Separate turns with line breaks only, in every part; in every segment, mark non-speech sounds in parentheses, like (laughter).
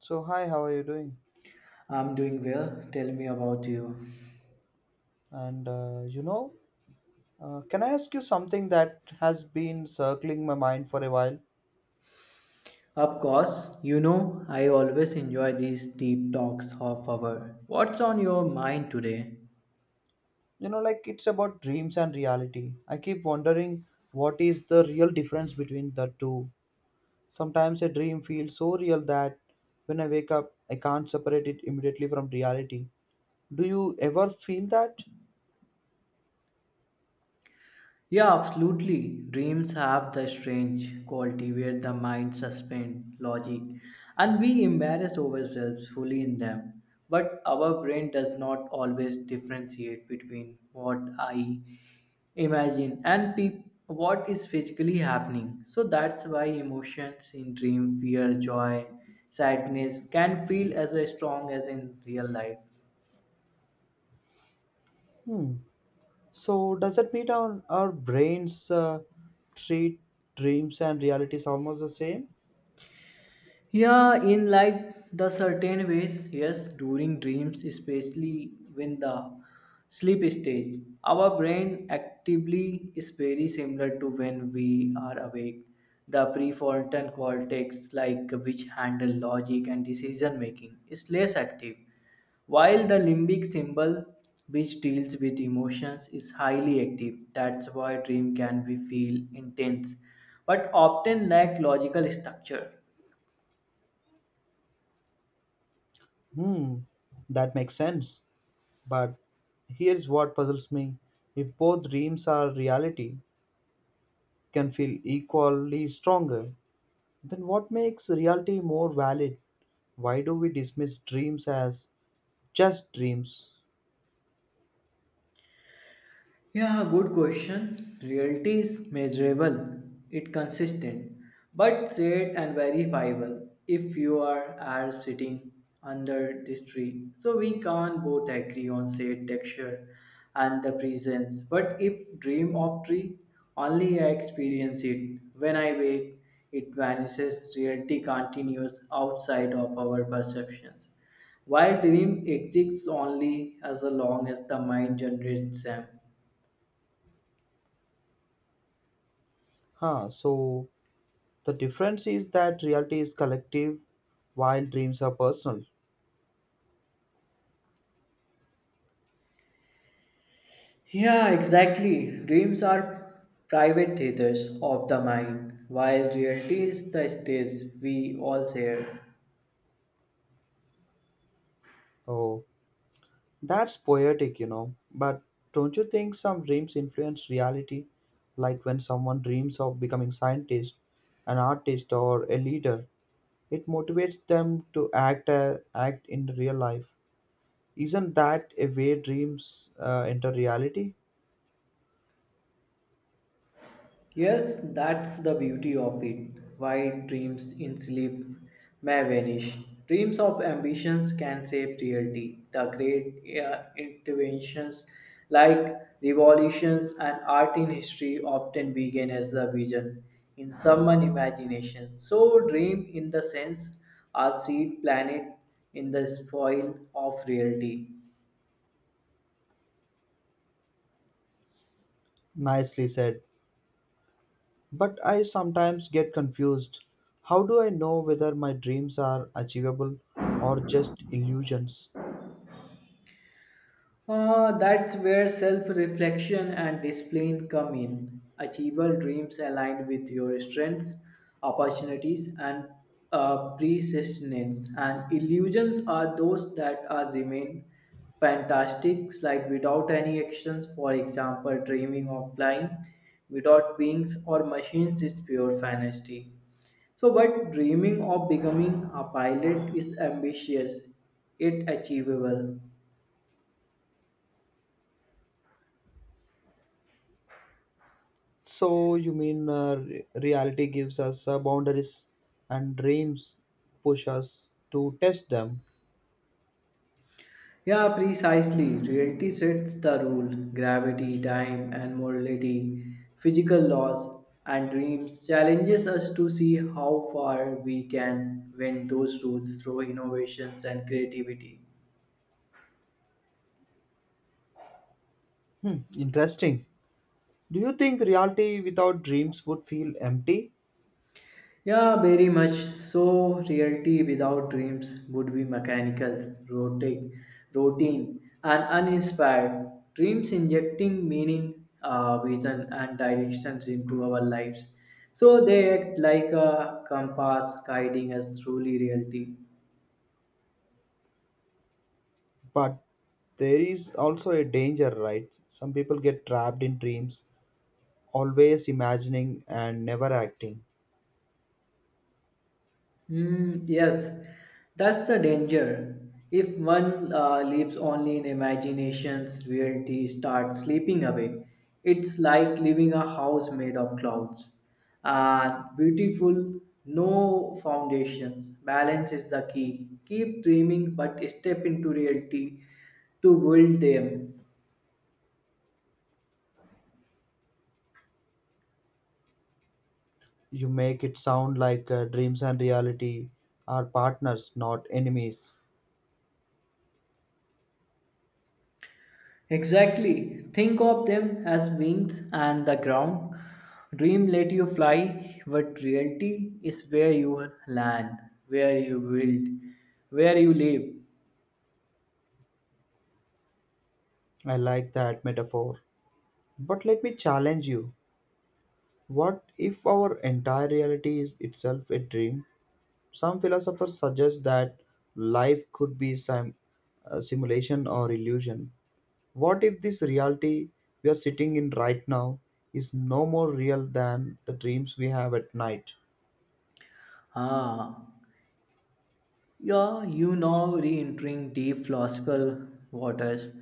So, hi, how are you doing?
I'm doing well. Tell me about you.
And uh, you know, can I ask you something that has been circling my mind for a while?
Of course, you know I always enjoy these deep talks of our. What's on your mind today?
It's about dreams and reality. I keep wondering what is the real difference between the two. Sometimes a dream feels so real that when I wake up, I can't separate it immediately from reality. Do you ever feel that?
Yeah, absolutely. Dreams have the strange quality where the mind suspends logic and we embarrass ourselves fully in them. But our brain does not always differentiate between what I imagine and what is physically happening. So that's why emotions in dream, fear, joy, sadness can feel as strong as in real life.
Hmm. So, does it mean our brains treat dreams and realities almost the same?
Yeah, in like the certain ways, yes, during dreams, especially when the sleep stage, our brain actively is very similar to when we are awake. The prefrontal cortex, like which handle logic and decision making, is less active, while the limbic symbol, which deals with emotions, is highly active. That's why dream can be feel intense, but often lack logical structure.
Hmm, that makes sense. But here's what puzzles me. If both dreams are reality, can feel equally stronger, then what makes reality more valid? Why do we dismiss dreams as just dreams?
Yeah, good question. Reality is measurable, it consistent, but said and verifiable. If you are sitting under this tree, so we can't both agree on said texture and the presence. But if dream of tree, only I experience it. When I wake, it vanishes. Reality continues outside of our perceptions. While dream exists only as long as the mind generates them.
Huh, so the difference is that reality is collective while dreams are personal.
Yeah, exactly. Dreams are private theaters of the mind, while reality is the stage we all share.
Oh, that's poetic, you know. But don't you think some dreams influence reality? Like when someone dreams of becoming scientist, an artist, or a leader, it motivates them to act in real life. Isn't that a way dreams enter reality?
Yes, that's the beauty of it. Why dreams in sleep may vanish. Dreams of ambitions can shape reality. The great interventions like revolutions and art in history often begin as a vision in someone's imagination. So, dream in the sense are seed planet in the soil of reality.
Nicely said. But I sometimes get confused. How do I know whether my dreams are achievable or just illusions?
That's where self reflection and discipline come in. Achievable dreams aligned with your strengths, opportunities, and persistence. And illusions are those that are remain fantastic, like without any actions. For example, dreaming of flying without wings or machines is pure fantasy. So, but dreaming of becoming a pilot is ambitious, yet achievable.
So you mean reality gives us boundaries and dreams push us to test them.
Yeah, precisely. Reality sets the rule. Gravity, time, and morality, physical laws, and dreams challenges us to see how far we can bend those rules through innovations and creativity.
Hmm, interesting. Do you think reality without dreams would feel empty?
Yeah, very much so. Reality without dreams would be mechanical, rotic, routine, and uninspired. Dreams injecting meaning, vision, and directions into our lives. So they act like a compass guiding us through reality.
But there is also a danger, right? Some people get trapped in dreams, always imagining and never acting.
Mm, yes, that's the danger. If one lives only in imaginations, reality starts slipping away. It's like living a house made of clouds. And beautiful, no foundations. Balance is the key. Keep dreaming, but step into reality to build them.
You make it sound like dreams and reality are partners, not enemies.
Exactly. Think of them as wings and the ground. Dream let you fly, but reality is where you land, where you build, where you live.
I like that metaphor. But let me challenge you. What if our entire reality is itself a dream? Some philosophers suggest that life could be some simulation or illusion. What if this reality we are sitting in right now is no more real than the dreams we have at night?
Ah, yeah, you know, re-entering deep philosophical waters.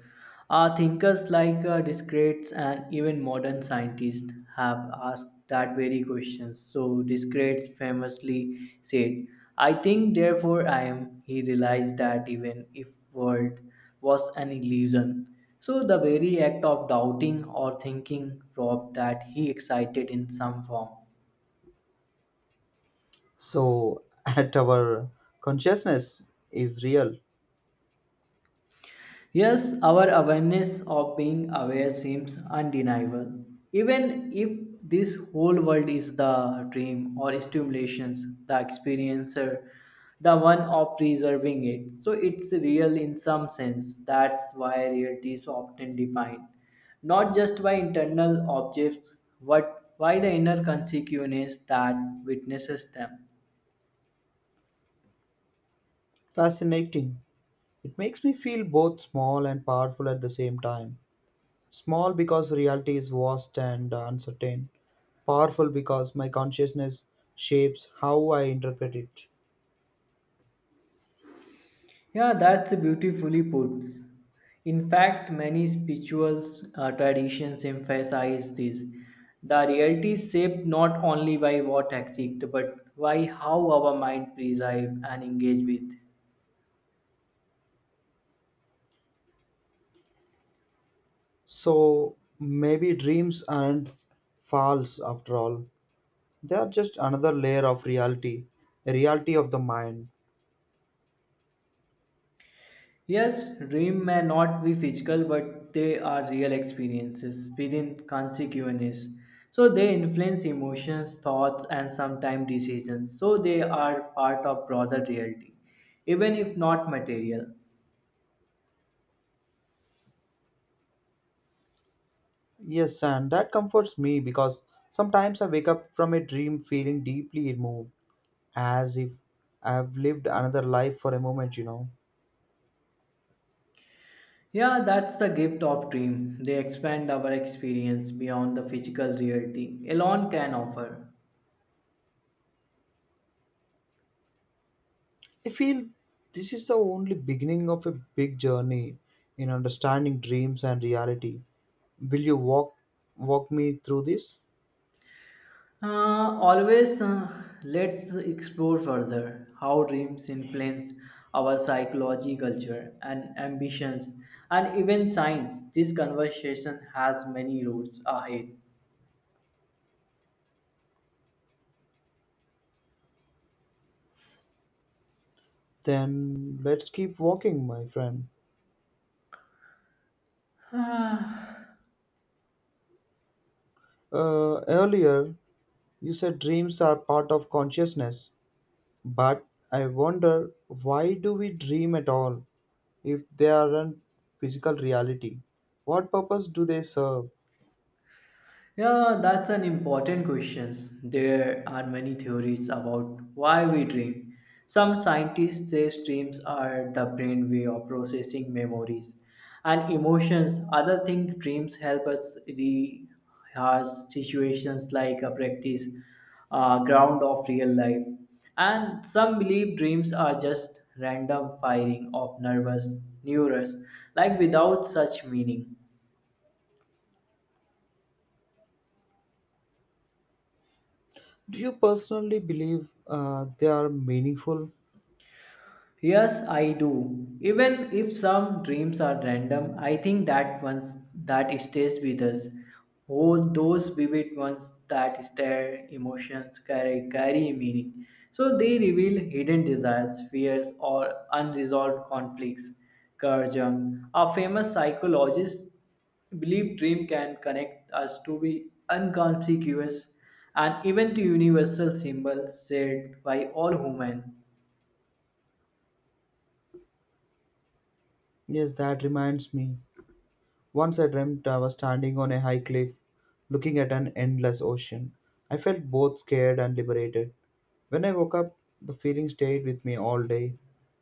Our thinkers like Descartes and even modern scientists have asked that very question. So Descartes famously said, "I think, therefore I am." He realized that even if world was an illusion, so the very act of doubting or thinking robbed that he excited in some form.
So, (laughs) at our consciousness is real,
Yes, our awareness of being aware seems undeniable. Even if this whole world is the dream or stimulations, the experiencer, the one of preserving it. So it's real in some sense. That's why reality is often defined not just by internal objects, but by the inner consequences that witnesses them.
fascinating. It makes me feel both small and powerful at the same time. Small because reality is vast and uncertain. Powerful because my consciousness shapes how I interpret it.
Yeah, that's beautifully put. In fact, many spiritual traditions emphasize this. The reality is shaped not only by what exists, but by how our mind preserve and engage with.
So maybe dreams aren't false after all. They are just another layer of reality, a reality of the mind.
Yes, dreams may not be physical, but they are real experiences within consciousness. So they influence emotions, thoughts, and sometimes decisions. So they are part of broader reality even if not material.
Yes, and that comforts me because sometimes I wake up from a dream feeling deeply moved, as if I have lived another life for a moment, you know.
Yeah, that's the gift of dream. They expand our experience beyond the physical reality alone can offer.
I feel this is the only beginning of a big journey in understanding dreams and reality. Will you walk me through this?
Always, let's explore further how dreams influence our psychology, culture, and ambitions, and even science. This conversation has many routes
Then let's keep walking, my friend.
ahead. (sighs)
Earlier, you said dreams are part of consciousness, but I wonder why do we dream at all if they aren't physical reality? What purpose do they serve?
Yeah, that's an important question. There are many theories about why we dream. Some scientists say dreams are the brain way of processing memories and emotions. Others think dreams help us rehearse situations like a practice ground of real life. And some believe dreams are just random firing of nervous neurons, like without such meaning.
Do you personally believe they are meaningful?
Yes, I do. Even if some dreams are random, I think that ones that stays with us. Oh, those vivid ones that stir emotions carry meaning. So they reveal hidden desires, fears, or unresolved conflicts. Carl Jung, a famous psychologist, believed dream can connect us to be inconspicuous and even to universal symbol shared by all human.
Yes, that reminds me. Once I dreamt I was standing on a high cliff looking at an endless ocean. I felt both scared and liberated. When I woke up, the feeling stayed with me all day.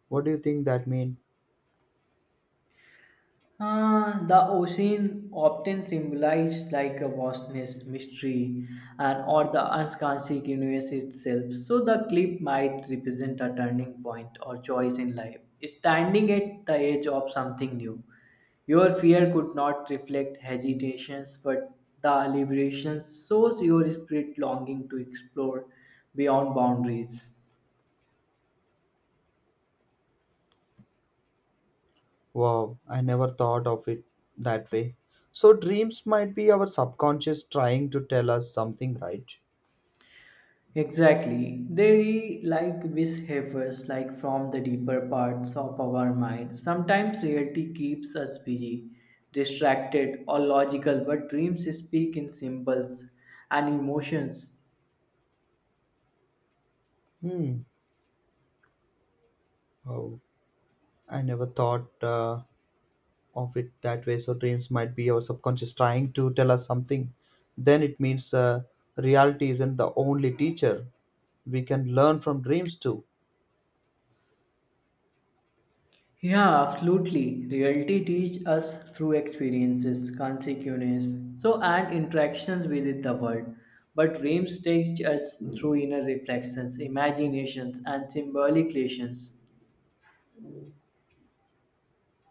What do you think that means?
The ocean often symbolized like a vastness, mystery, and or the unsconscious universe itself. So the cliff might represent a turning point or choice in life, standing at the edge of something new. Your fear could not reflect hesitations, but the liberation shows your spirit longing to explore beyond boundaries.
Wow, I never thought of it that way. So dreams might be our subconscious trying to tell us something, right?
Exactly. They like mishavers like from the deeper parts of our mind. Sometimes reality keeps us busy, distracted or logical, but dreams speak in symbols and emotions.
Hmm. Oh, I never thought. Of it that way. So dreams might be our subconscious trying to tell us something. Then it means reality isn't the only teacher. We can learn from dreams too.
Yeah, absolutely. Reality teaches us through experiences, consequences, so and interactions with the world. But dreams teach us through inner reflections, imaginations, and symbolic relations.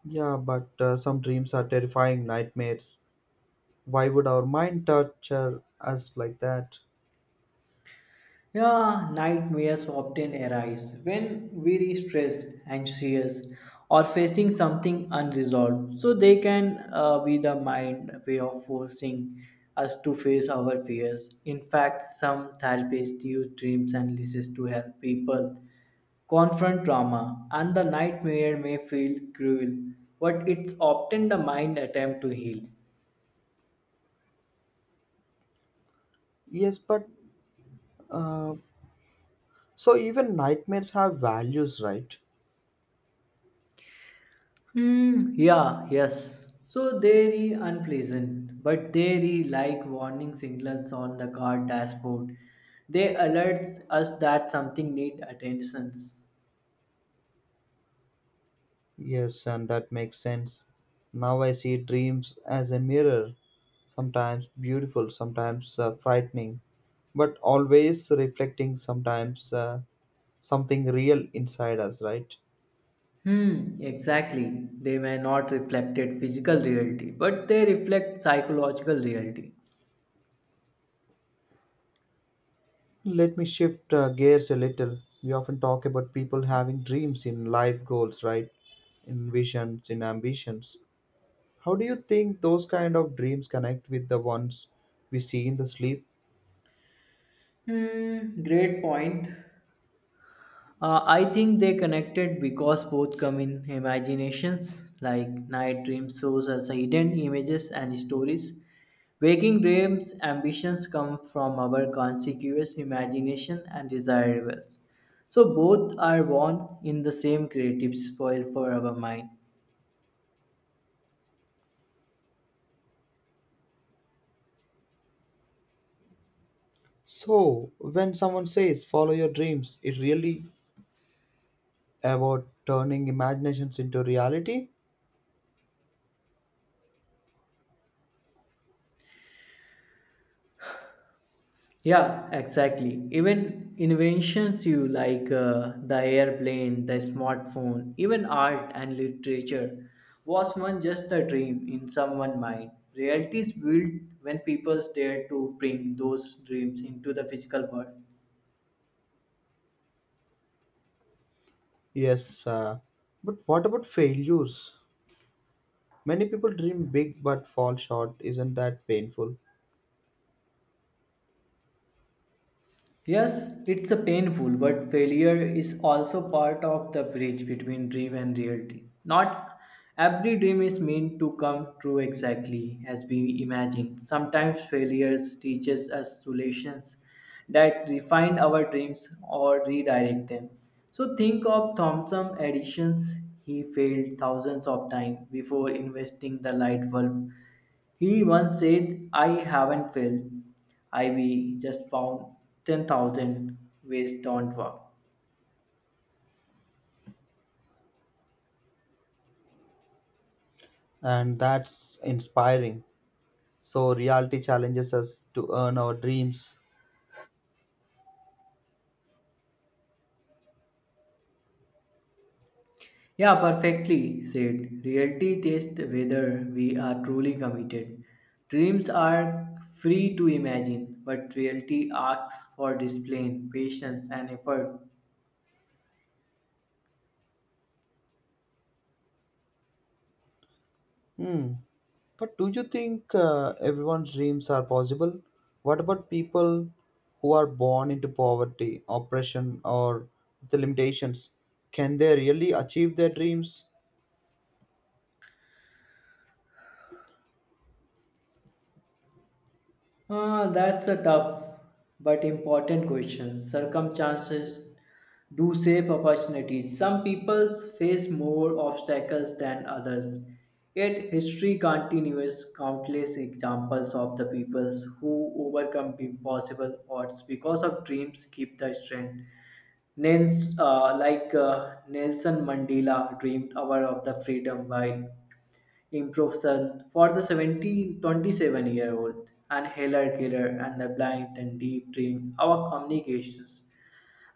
Yeah, but some dreams are terrifying nightmares. Why would our mind torture us like that?
Yeah, nightmares often arise when we're stressed, anxious, or facing something unresolved. So they can be the mind way of forcing us to face our fears. In fact, some therapists use dreams and lists to help people confront trauma, and the nightmare may feel cruel, but it's often the mind attempt to heal.
Yes, but uh, so even nightmares have values, right?
Hmm. Yeah. Yes. So they re unpleasant, but they re like warning signals on the car dashboard. They alerts us that something need attentions.
Yes, and that makes sense. Now I see dreams as a mirror, sometimes beautiful, sometimes frightening but always reflecting sometimes something real inside us, right?
Hmm. Exactly. They may not reflected physical reality, but they reflect psychological reality.
Let me shift gears a little. We often talk about people having dreams in life goals, right? In visions, in ambitions. How do you think those kind of dreams connect with the ones we see in the sleep?
Hmm. Great point. I think they connected because both come in imaginations, like night dreams shows us hidden images and stories. Waking dreams ambitions come from our conscious imagination and desirables. So both are born in the same creative spoil for our mind.
So, when someone says follow your dreams, it really about turning imaginations into reality?
Yeah, exactly. Even inventions you like the airplane, the smartphone, even art and literature was one just a dream in someone's mind. Reality is built when people dare to bring those dreams into the physical world.
Yes, but what about failures? Many people dream big but fall short. Isn't that painful?
Yes, it's a painful, but failure is also part of the bridge between dream and reality. Not every dream is meant to come true exactly as we imagine. Sometimes failures teaches us solutions that refine our dreams or redirect them. So think of Thomson Edison's. He failed thousands of times before investing the light bulb. He once said, I haven't failed. IB just found 10,000 ways don't work.
And that's inspiring. So, reality challenges us to earn our dreams.
Yeah, perfectly said. Reality tests whether we are truly committed. Dreams are free to imagine, but reality asks for discipline, patience, and effort.
Hmm. But do you think everyone's dreams are possible? What about people who are born into poverty, oppression, or the limitations? Can they really achieve their dreams?
Ah, that's a tough but important question. Circumstances do shape opportunities. Some people face more obstacles than others. Yet history continues countless examples of the peoples who overcome impossible odds because of dreams keep the strength. Like Nelson Mandela dreamed hour of the freedom while Improvement for the 70, 27-year-old and heller killer and the blind and deep dream our communications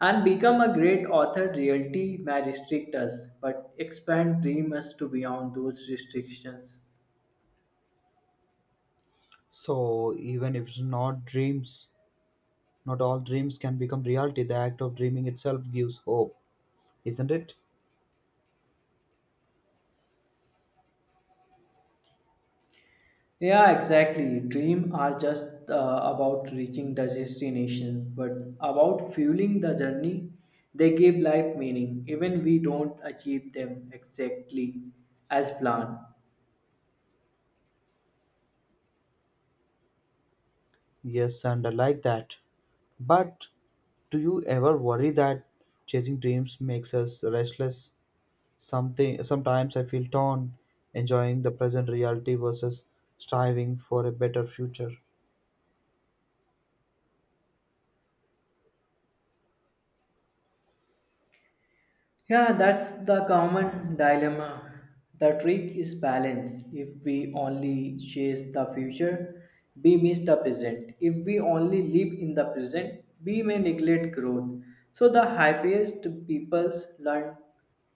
and become a great author reality may restrict us but expand dream us to beyond those restrictions.
So, even if it's not dreams, not all dreams can become reality. The act of dreaming itself gives hope, isn't it?
Yeah, exactly, dream are just about reaching the destination but about fueling the journey. They give life meaning even we don't achieve them exactly as planned.
Yes, and I like that. But do you ever worry that chasing dreams makes us restless? Something sometimes I feel torn, enjoying the present reality versus striving for a better future.
Yeah, that's the common dilemma. The trick is balance. If we only chase the future, we miss the present. If we only live in the present, we may neglect growth. So the happiest peoples learn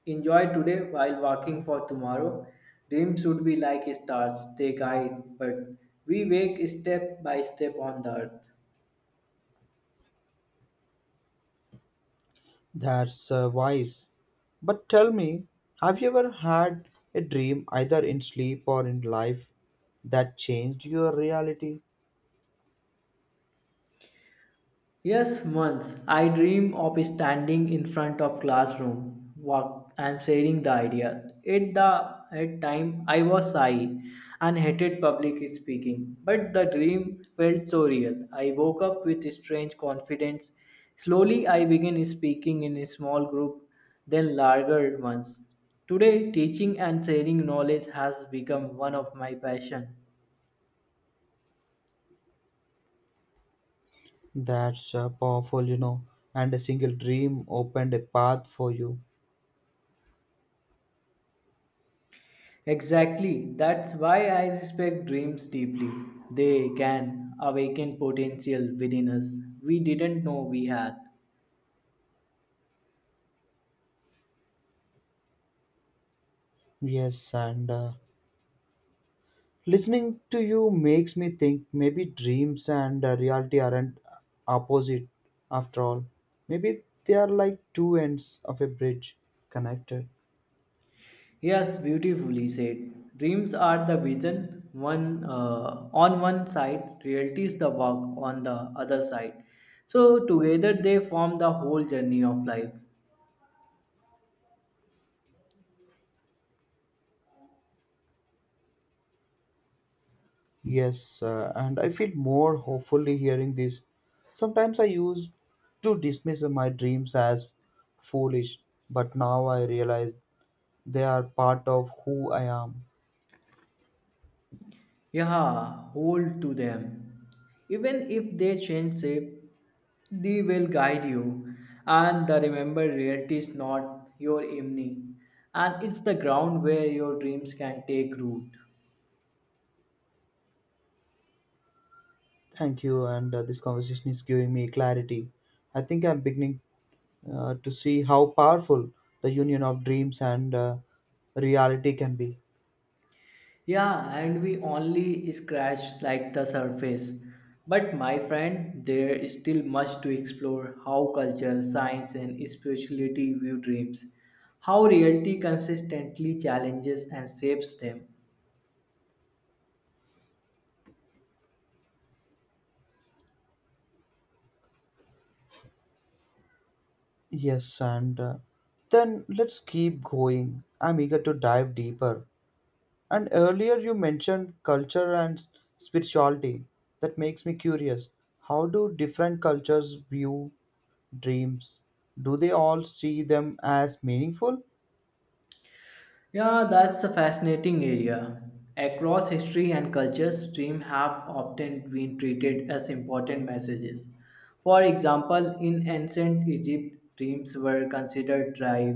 enjoy today while working for tomorrow. Dreams should be like stars, they guide, but we wake step by step on the earth.
That's wise. But tell me, have you ever had a dream either in sleep or in life that changed your reality?
Yes, once I dream of standing in front of classroom walk and sharing the ideas. At the at time I was shy and hated public speaking, but the dream felt so real. I woke up with strange confidence. Slowly I began speaking in a small group, then larger ones. Today teaching and sharing knowledge has become one of my passion.
That's powerful, you know, and a single dream opened a path for you.
Exactly. That's why I respect dreams deeply. They can awaken potential within us we didn't know we had.
Yes, and listening to you makes me think maybe dreams and reality aren't opposite after all. Maybe they are like two ends of a bridge connected.
Yes, beautifully said. Dreams are the vision one on one side, reality is the work on the other side. So together they form the whole journey of life.
Yes, and I feel more hopefully hearing this. Sometimes I used to dismiss my dreams as foolish, but now I realize they are part of who I am.
Yeah, hold to them. Even if they change shape, they will guide you. And the remember reality is not your enemy. And it's the ground where your dreams can take root.
Thank you, and this conversation is giving me clarity. I think I'm beginning to see how powerful the union of dreams and reality can be.
Yeah, and we only scratched like the surface. But my friend, there is still much to explore how culture, science, and spirituality view dreams, how reality consistently challenges and shapes them.
Yes, and then let's keep going. I'm eager to dive deeper. And earlier you mentioned culture and spirituality. That makes me curious. How do different cultures view dreams? Do they all see them as meaningful? (laughs)
Yeah, that's a fascinating area. Across history and cultures, dreams have often been treated as important messages. For example, in ancient Egypt, dreams were considered drive,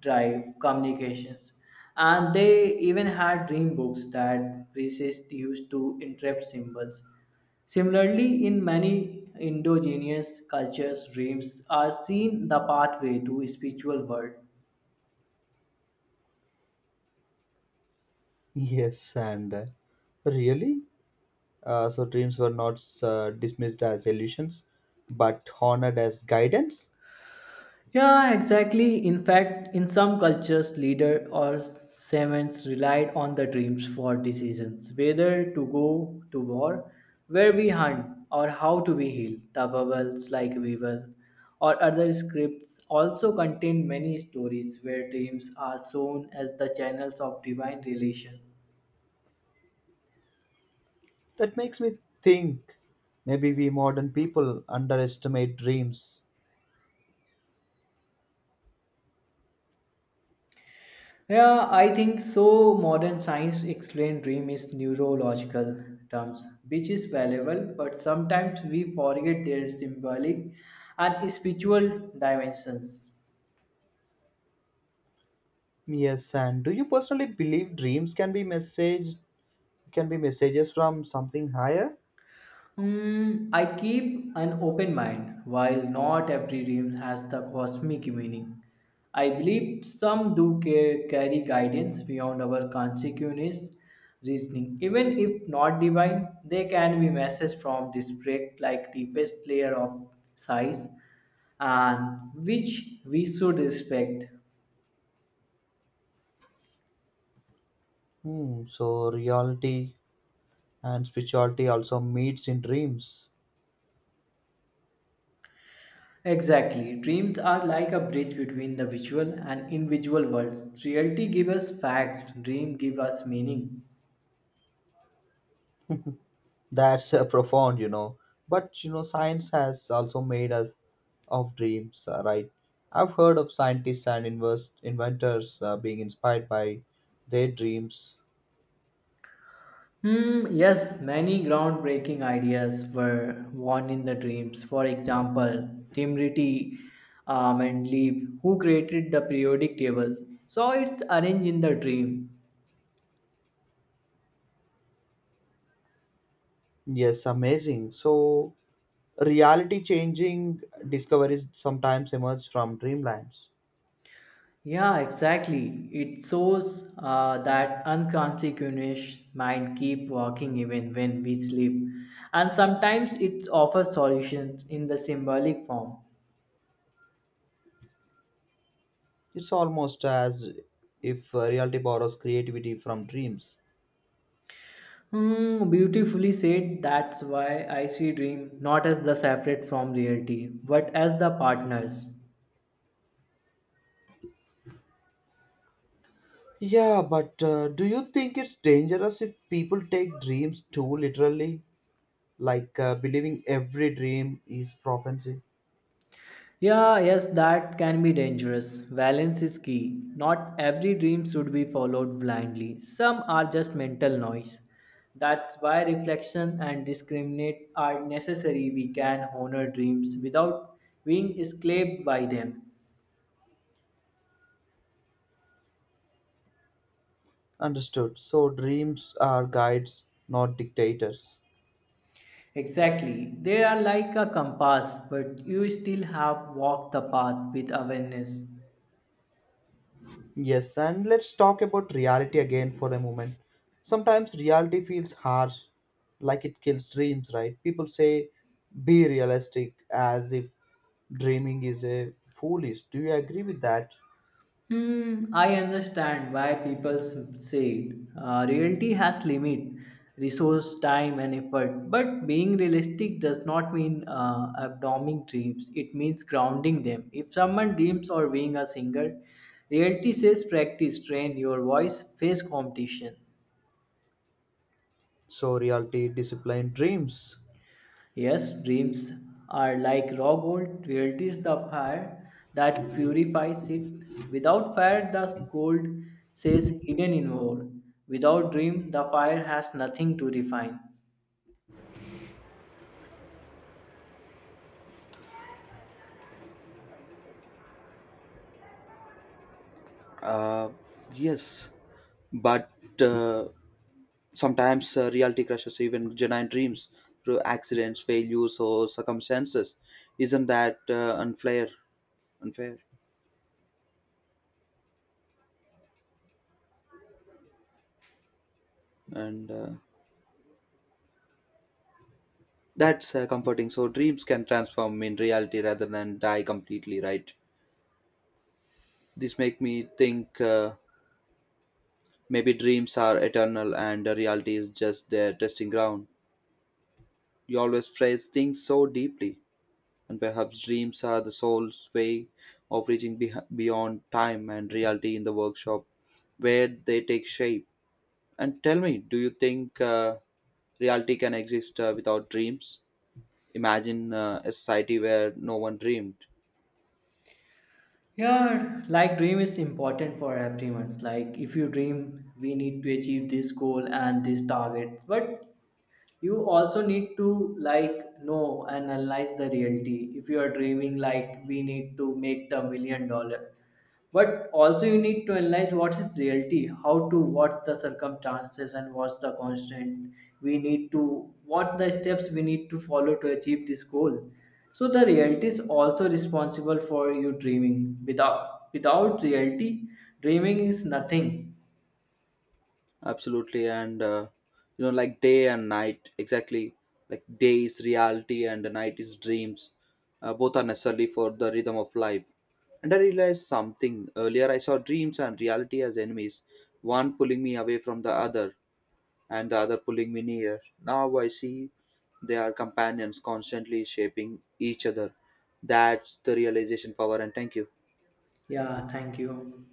drive communications, and they even had dream books that priests used to interpret symbols. Similarly, in many indigenous cultures, dreams are seen the pathway to spiritual world.
Yes, and really? So dreams were not dismissed as illusions, but honored as guidance.
Yeah, exactly. In fact, in some cultures, leader or shamans relied on the dreams for decisions, whether to go to war, where we hunt, or how to be healed. The bubbles like Weevil or other scripts also contain many stories where dreams are shown as the channels of divine relation.
That makes me think maybe we modern people underestimate dreams.
Yeah, I think so. Modern science explain dream is neurological terms, which is valuable, but sometimes we forget their symbolic and spiritual dimensions.
Yes, and do you personally believe dreams can be messages from something higher?
Mm, I keep an open mind. While not every dream has the cosmic meaning, I believe some do carry guidance beyond our consciousness reasoning. Even if not divine, they can be messages from this break like deepest layer of size and which we should respect.
Hmm, so reality and spirituality also meets in dreams.
Exactly. Dreams are like a bridge between the visual and invisible worlds. Reality gives us facts, dream gives us meaning.
That's (laughs) profound, you know. But you know, science has also made us of dreams, right? I've heard of scientists and invers inventors being inspired by their dreams.
Hmm, yes, many groundbreaking ideas were born in the dreams. For example, Timriti Mendeleev, who created the periodic tables, saw its arranged in the dream.
Yes, amazing. So, reality changing discoveries sometimes emerge from dreamlands.
Yeah, exactly. It shows that unconscious mind keep working even when we sleep, and sometimes it offers solutions in the symbolic form.
It's almost as if reality borrows creativity from dreams.
Hmm, beautifully said. That's why I see dream not as the separate from reality, but as the partners.
Yeah, but do you think it's dangerous if people take dreams too literally? Like believing every dream is prophecy.
Yeah, yes, that can be dangerous. Balance is key. Not every dream should be followed blindly. Some are just mental noise. That's why reflection and discriminate are necessary. We can honor dreams without being enslaved by them.
Understood. So dreams are guides, not dictators.
Exactly. They are like a compass, but you still have walked the path with awareness.
Yes, and let's talk about reality again for a moment. Sometimes reality feels harsh, like it kills dreams, right? People say, be realistic, as if dreaming is a foolish. Do you agree with that?
Hmm, I understand why people say it. Reality has limit, resource, time, and effort. But being realistic does not mean abdomining dreams. It means grounding them. If someone dreams of being a singer, reality says practice, train your voice, face competition.
So, reality disciplined dreams.
Yes, dreams are like raw gold. Reality is the fire that purifies it. Without fire, the gold says hidden in ore. Without dream, the fire has nothing to refine.
Uh, yes, but uh, sometimes reality crushes even genuine dreams through accidents, failures, or circumstances. Isn't that unfair? Unfair, and that's comforting. So dreams can transform in reality rather than die completely, right? This make me think maybe dreams are eternal and reality is just their testing ground. You always phrase things so deeply. And perhaps dreams are the soul's way of reaching beh beyond time and reality in the workshop where they take shape. And tell me, do you think reality can exist without dreams? Imagine a society where no one dreamed.
Yeah, like dream is important for everyone. Like if you dream, we need to achieve this goal and this target. But you also need to like know and analyze the reality. If you are dreaming, like we need to make the million dollar. But also you need to analyze what is reality, how to what the circumstances and what's the constant we need to what the steps we need to follow to achieve this goal. So the reality is also responsible for you dreaming. Without reality, dreaming is nothing.
Absolutely, and you know, like day and night, exactly. Like day is reality and the night is dreams. Both are necessary for the rhythm of life. And I realized something. Earlier, I saw dreams and reality as enemies, one pulling me away from the other, and the other pulling me near. Now I see they are companions constantly shaping each other. That's the realization power, and thank you.
Yeah, thank you.